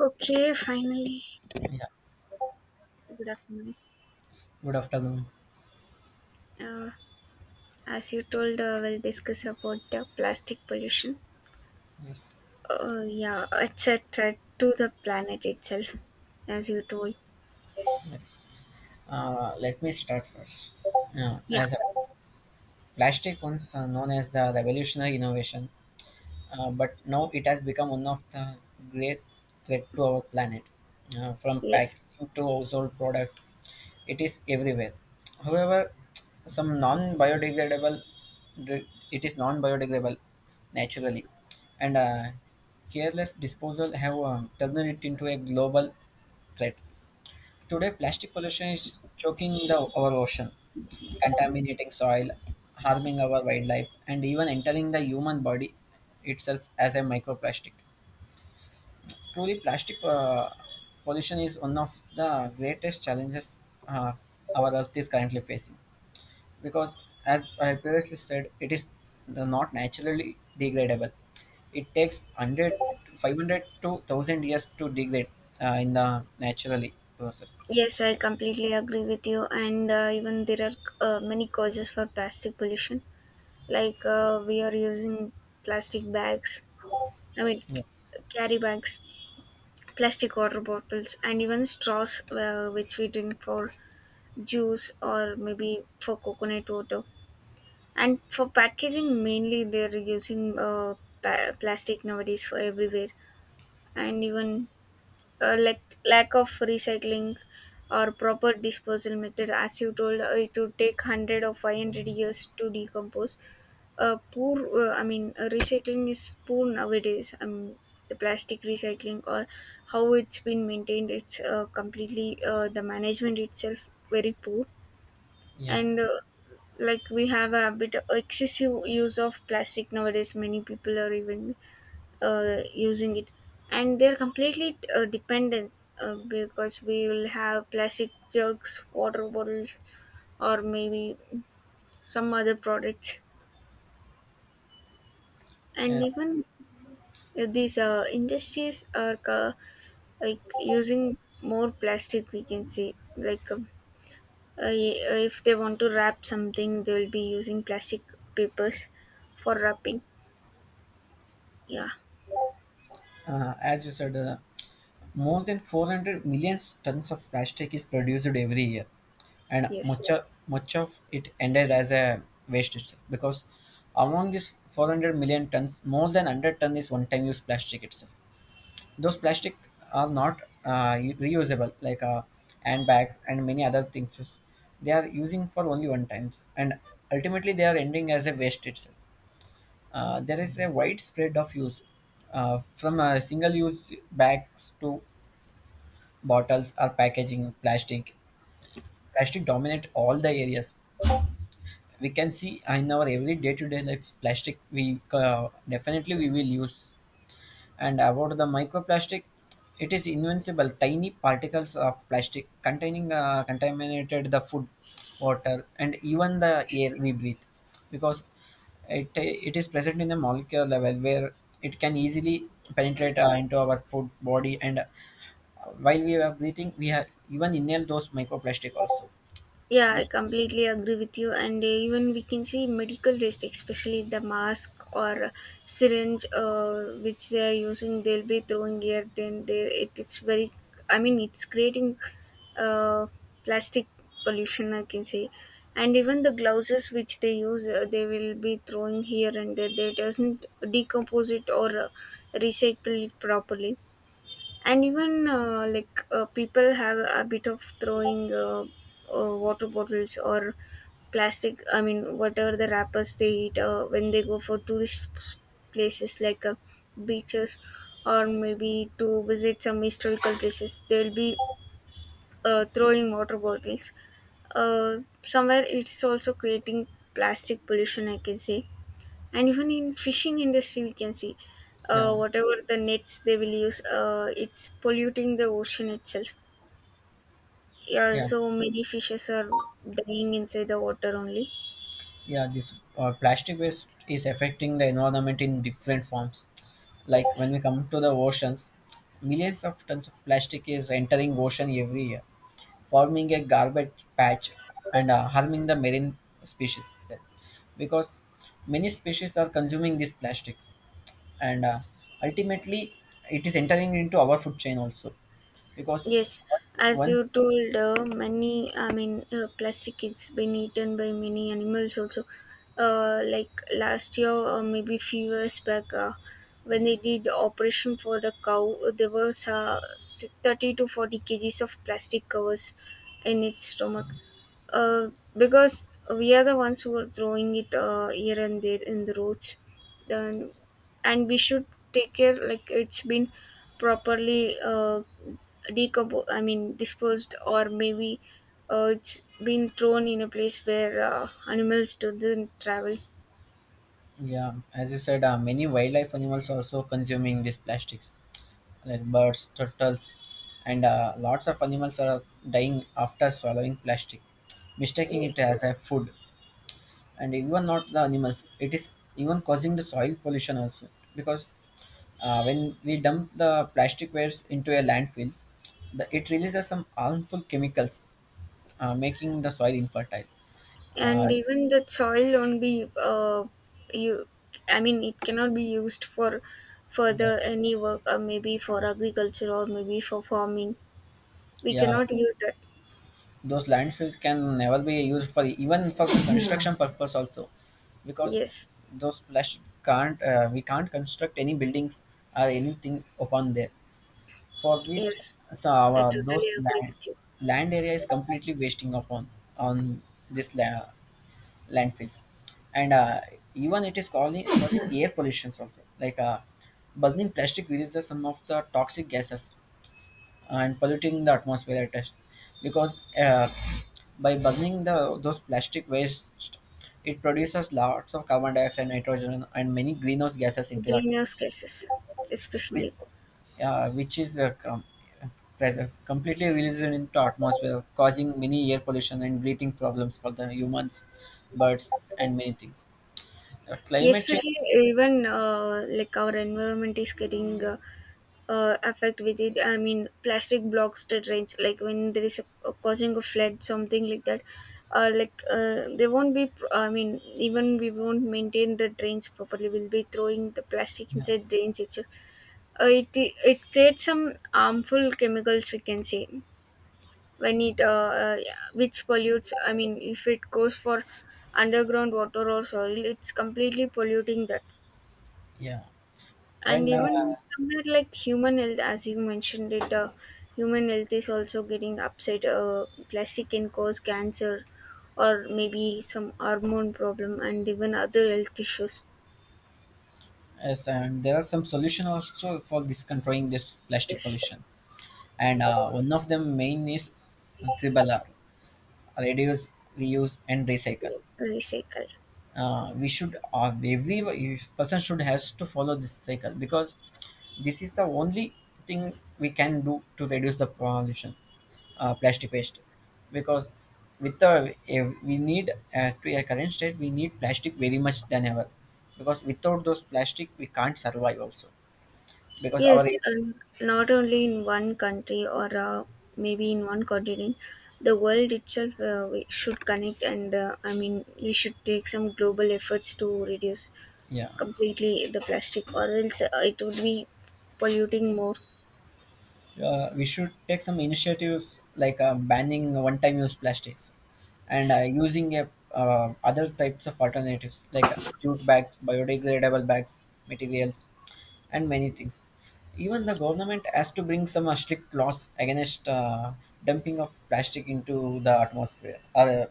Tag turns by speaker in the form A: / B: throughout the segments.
A: Okay, finally,
B: Yeah,
A: good afternoon.
B: good afternoon.
A: Uh, as you told, we'll discuss about the plastic pollution.
B: Yes,
A: Yeah, it's a threat to the planet itself, as you told.
B: yes. Let me start first.
A: Yeah,
B: As a plastic once known as the revolutionary innovation, but now it has become one of the great threat to our planet. From
A: yes,
B: packaging to household product, it is everywhere. However, some non-biodegradable, it is non-biodegradable naturally, and careless disposal have turned it into a global threat. Today, plastic pollution is choking our ocean, contaminating soil, harming our wildlife, and even entering the human body itself as a microplastic. Truly, plastic pollution is one of the greatest challenges uh, our Earth is currently facing. Because, as I previously said, it is not naturally degradable. It takes 100, 500 to 1000 years to degrade in the naturally process.
A: yes, I completely agree with you. And even there are many causes for plastic pollution, like we are using plastic bags. I mean,
B: Yeah.
A: carry bags, plastic water bottles, and even straws which we drink for juice or maybe for coconut water. And for packaging, mainly they're using plastic nowadays for everywhere, and even like lack of recycling or proper disposal method. As you told, it would take 100 or 500 years to decompose. I mean, recycling is poor nowadays. I mean, the plastic recycling or how it's been maintained, it's completely the management itself very poor
B: Yeah.
A: and like we have a bit of excessive use of plastic nowadays. Many people are even using it, and they're completely dependent because we will have plastic jugs, water bottles or maybe some other products, and
B: Yes.
A: even these industries are like using more plastic. We can say like if they want to wrap something, they will be using plastic papers for wrapping. Yeah.
B: As you said, more than 400 million tons of plastic is produced every year, and
A: Yes.
B: much Yeah. of, much of it ended as a waste itself. Because among these 400 million tons, more than 100 ton is one-time use plastic itself. Those plastic are not reusable, like handbags and many other things. They are using for only one times, and ultimately they are ending as a waste itself. There is a widespread of use from single-use bags to bottles or packaging plastic. Plastic dominate all the areas. We can see in our every day-to-day life plastic we definitely we will use. And about the microplastic, it is invincible tiny particles of plastic containing contaminated the food, water, and even the air we breathe, because it is present in the molecular level where it can easily penetrate into our food body, and while we are breathing, we have even inhale those microplastic also.
A: Yeah, I
B: This
A: completely agree with you. And even we can see medical waste, especially the mask or syringe, which they are using, they'll be throwing here. Then there, it is very. I mean, it's creating uh, plastic pollution, I can say. And even the gloves which they use, they will be throwing here and there. They doesn't decompose it or recycle it properly. And even people have a bit of throwing water bottles or plastic, I mean whatever the wrappers they eat when they go for tourist places like beaches or maybe to visit some historical places. They'll be throwing water bottles uh, somewhere. It's also creating plastic pollution, I can say. And even in fishing industry, we can see
B: Yeah,
A: whatever the nets they will use, it's polluting the ocean itself. Yeah,
B: yeah.
A: so many fishes are dying inside the water only.
B: Yeah, this plastic waste is affecting the environment in different forms, like when
A: Yes.
B: we come to the oceans, millions of tons of plastic is entering ocean every year, forming a garbage patch, and harming the marine species, because many species are consuming these plastics, and ultimately it is entering into our food chain also, because
A: Yes,
B: once,
A: as
B: once
A: you told, I mean, plastic, it's been eaten by many animals also. Like last year or maybe few years back, when they did operation for the cow, there was 30 to 40 kg kgs of plastic covers in its stomach. Uh, because we are the ones who are throwing it here and there in the roads. Then, and we should take care, like it's been properly decomposed, I mean disposed, or maybe it's been thrown in a place where animals doesn't travel.
B: Yeah, as you said, many wildlife animals are also consuming these plastics, like birds, turtles, and lots of animals are dying after swallowing plastic, mistaking it
A: Yes,
B: as a food. And even not the animals, it is even causing the soil pollution also, because when we dump the plastic waste into a landfills, it releases some harmful chemicals, making the soil infertile.
A: and
B: Uh,
A: even the soil won't be you I mean, it cannot be used for
B: yeah,
A: further any work, maybe for agriculture or maybe for farming. We
B: yeah,
A: cannot use that.
B: those landfills can never be used for even for construction purpose also, because
A: Yes.
B: those flash can't we can't construct any buildings or anything upon there, for which,
A: Yes,
B: so
A: I
B: our those
A: totally agree
B: land,
A: with you.
B: land area is completely wasting upon on this landfills. And even it is causing air pollutions also, like burning plastic releases some of the toxic gases and polluting the atmosphere at us, because by burning the those plastic waste, it produces lots of carbon dioxide, nitrogen, and many greenhouse gases into the atmosphere,
A: Greenhouse gases, especially.
B: which is completely released into atmosphere, causing many air pollution and breathing problems for the humans, birds, and many things. Climate change.
A: Especially even our environment is getting affect with it. I mean, plastic blocks the drains. Like, when there is a causing a flood, something like that. They won't be. I mean, even we won't maintain the drains properly. We'll be throwing the plastic
B: Yeah,
A: inside drains itself. It creates some harmful chemicals, we can say, when it which pollutes. I mean, if it goes for underground water or soil, it's completely polluting that.
B: yeah,
A: And
B: and
A: even somewhere, like, human health, as you mentioned it, human health is also getting upset. Plastic can cause cancer or maybe some hormone problem and even other health issues.
B: yes, and there are some solution also for this controlling this plastic
A: Yes.
B: pollution, and one of the main is tribala: reduce, reuse, and recycle.
A: Recycle.
B: We should Every person should has to follow this cycle, because this is the only thing we can do to reduce the pollution plastic waste, because with the if we need to a current state we need plastic very much than ever, because without those plastic we can't survive also. Because
A: yes
B: our
A: um, not only in one country or maybe in one continent, the world itself, we should connect, and I mean, we should take some global efforts to reduce
B: Yeah,
A: completely the plastic, or else it would be polluting more.
B: we should take some initiatives, like banning one-time use plastics, and
A: S-
B: using other types of alternatives, like jute bags, biodegradable bags, materials, and many things. Even the government has to bring some strict laws against dumping of plastic into the atmosphere or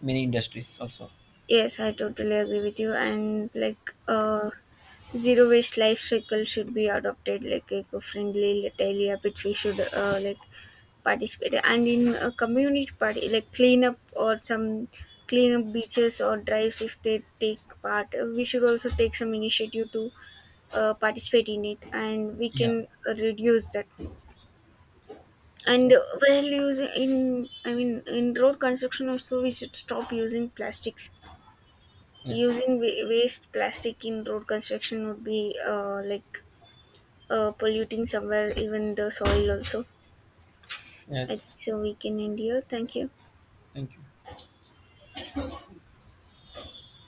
B: many industries also.
A: yes, I totally agree with you. And like, zero waste life cycle should be adopted, like eco-friendly daily habits. We should like participate and in a community party, like cleanup, or some cleanup beaches or drives. If they take part, uh, we should also take some initiative to participate in it, and we
B: Yeah.
A: can reduce that. And while using in, I mean in road construction also, we should stop using plastics.
B: Yes.
A: Using waste plastic in road construction would be polluting somewhere, even the soil also. I think
B: Yes.
A: so we can end here. Thank you.
B: Thank you.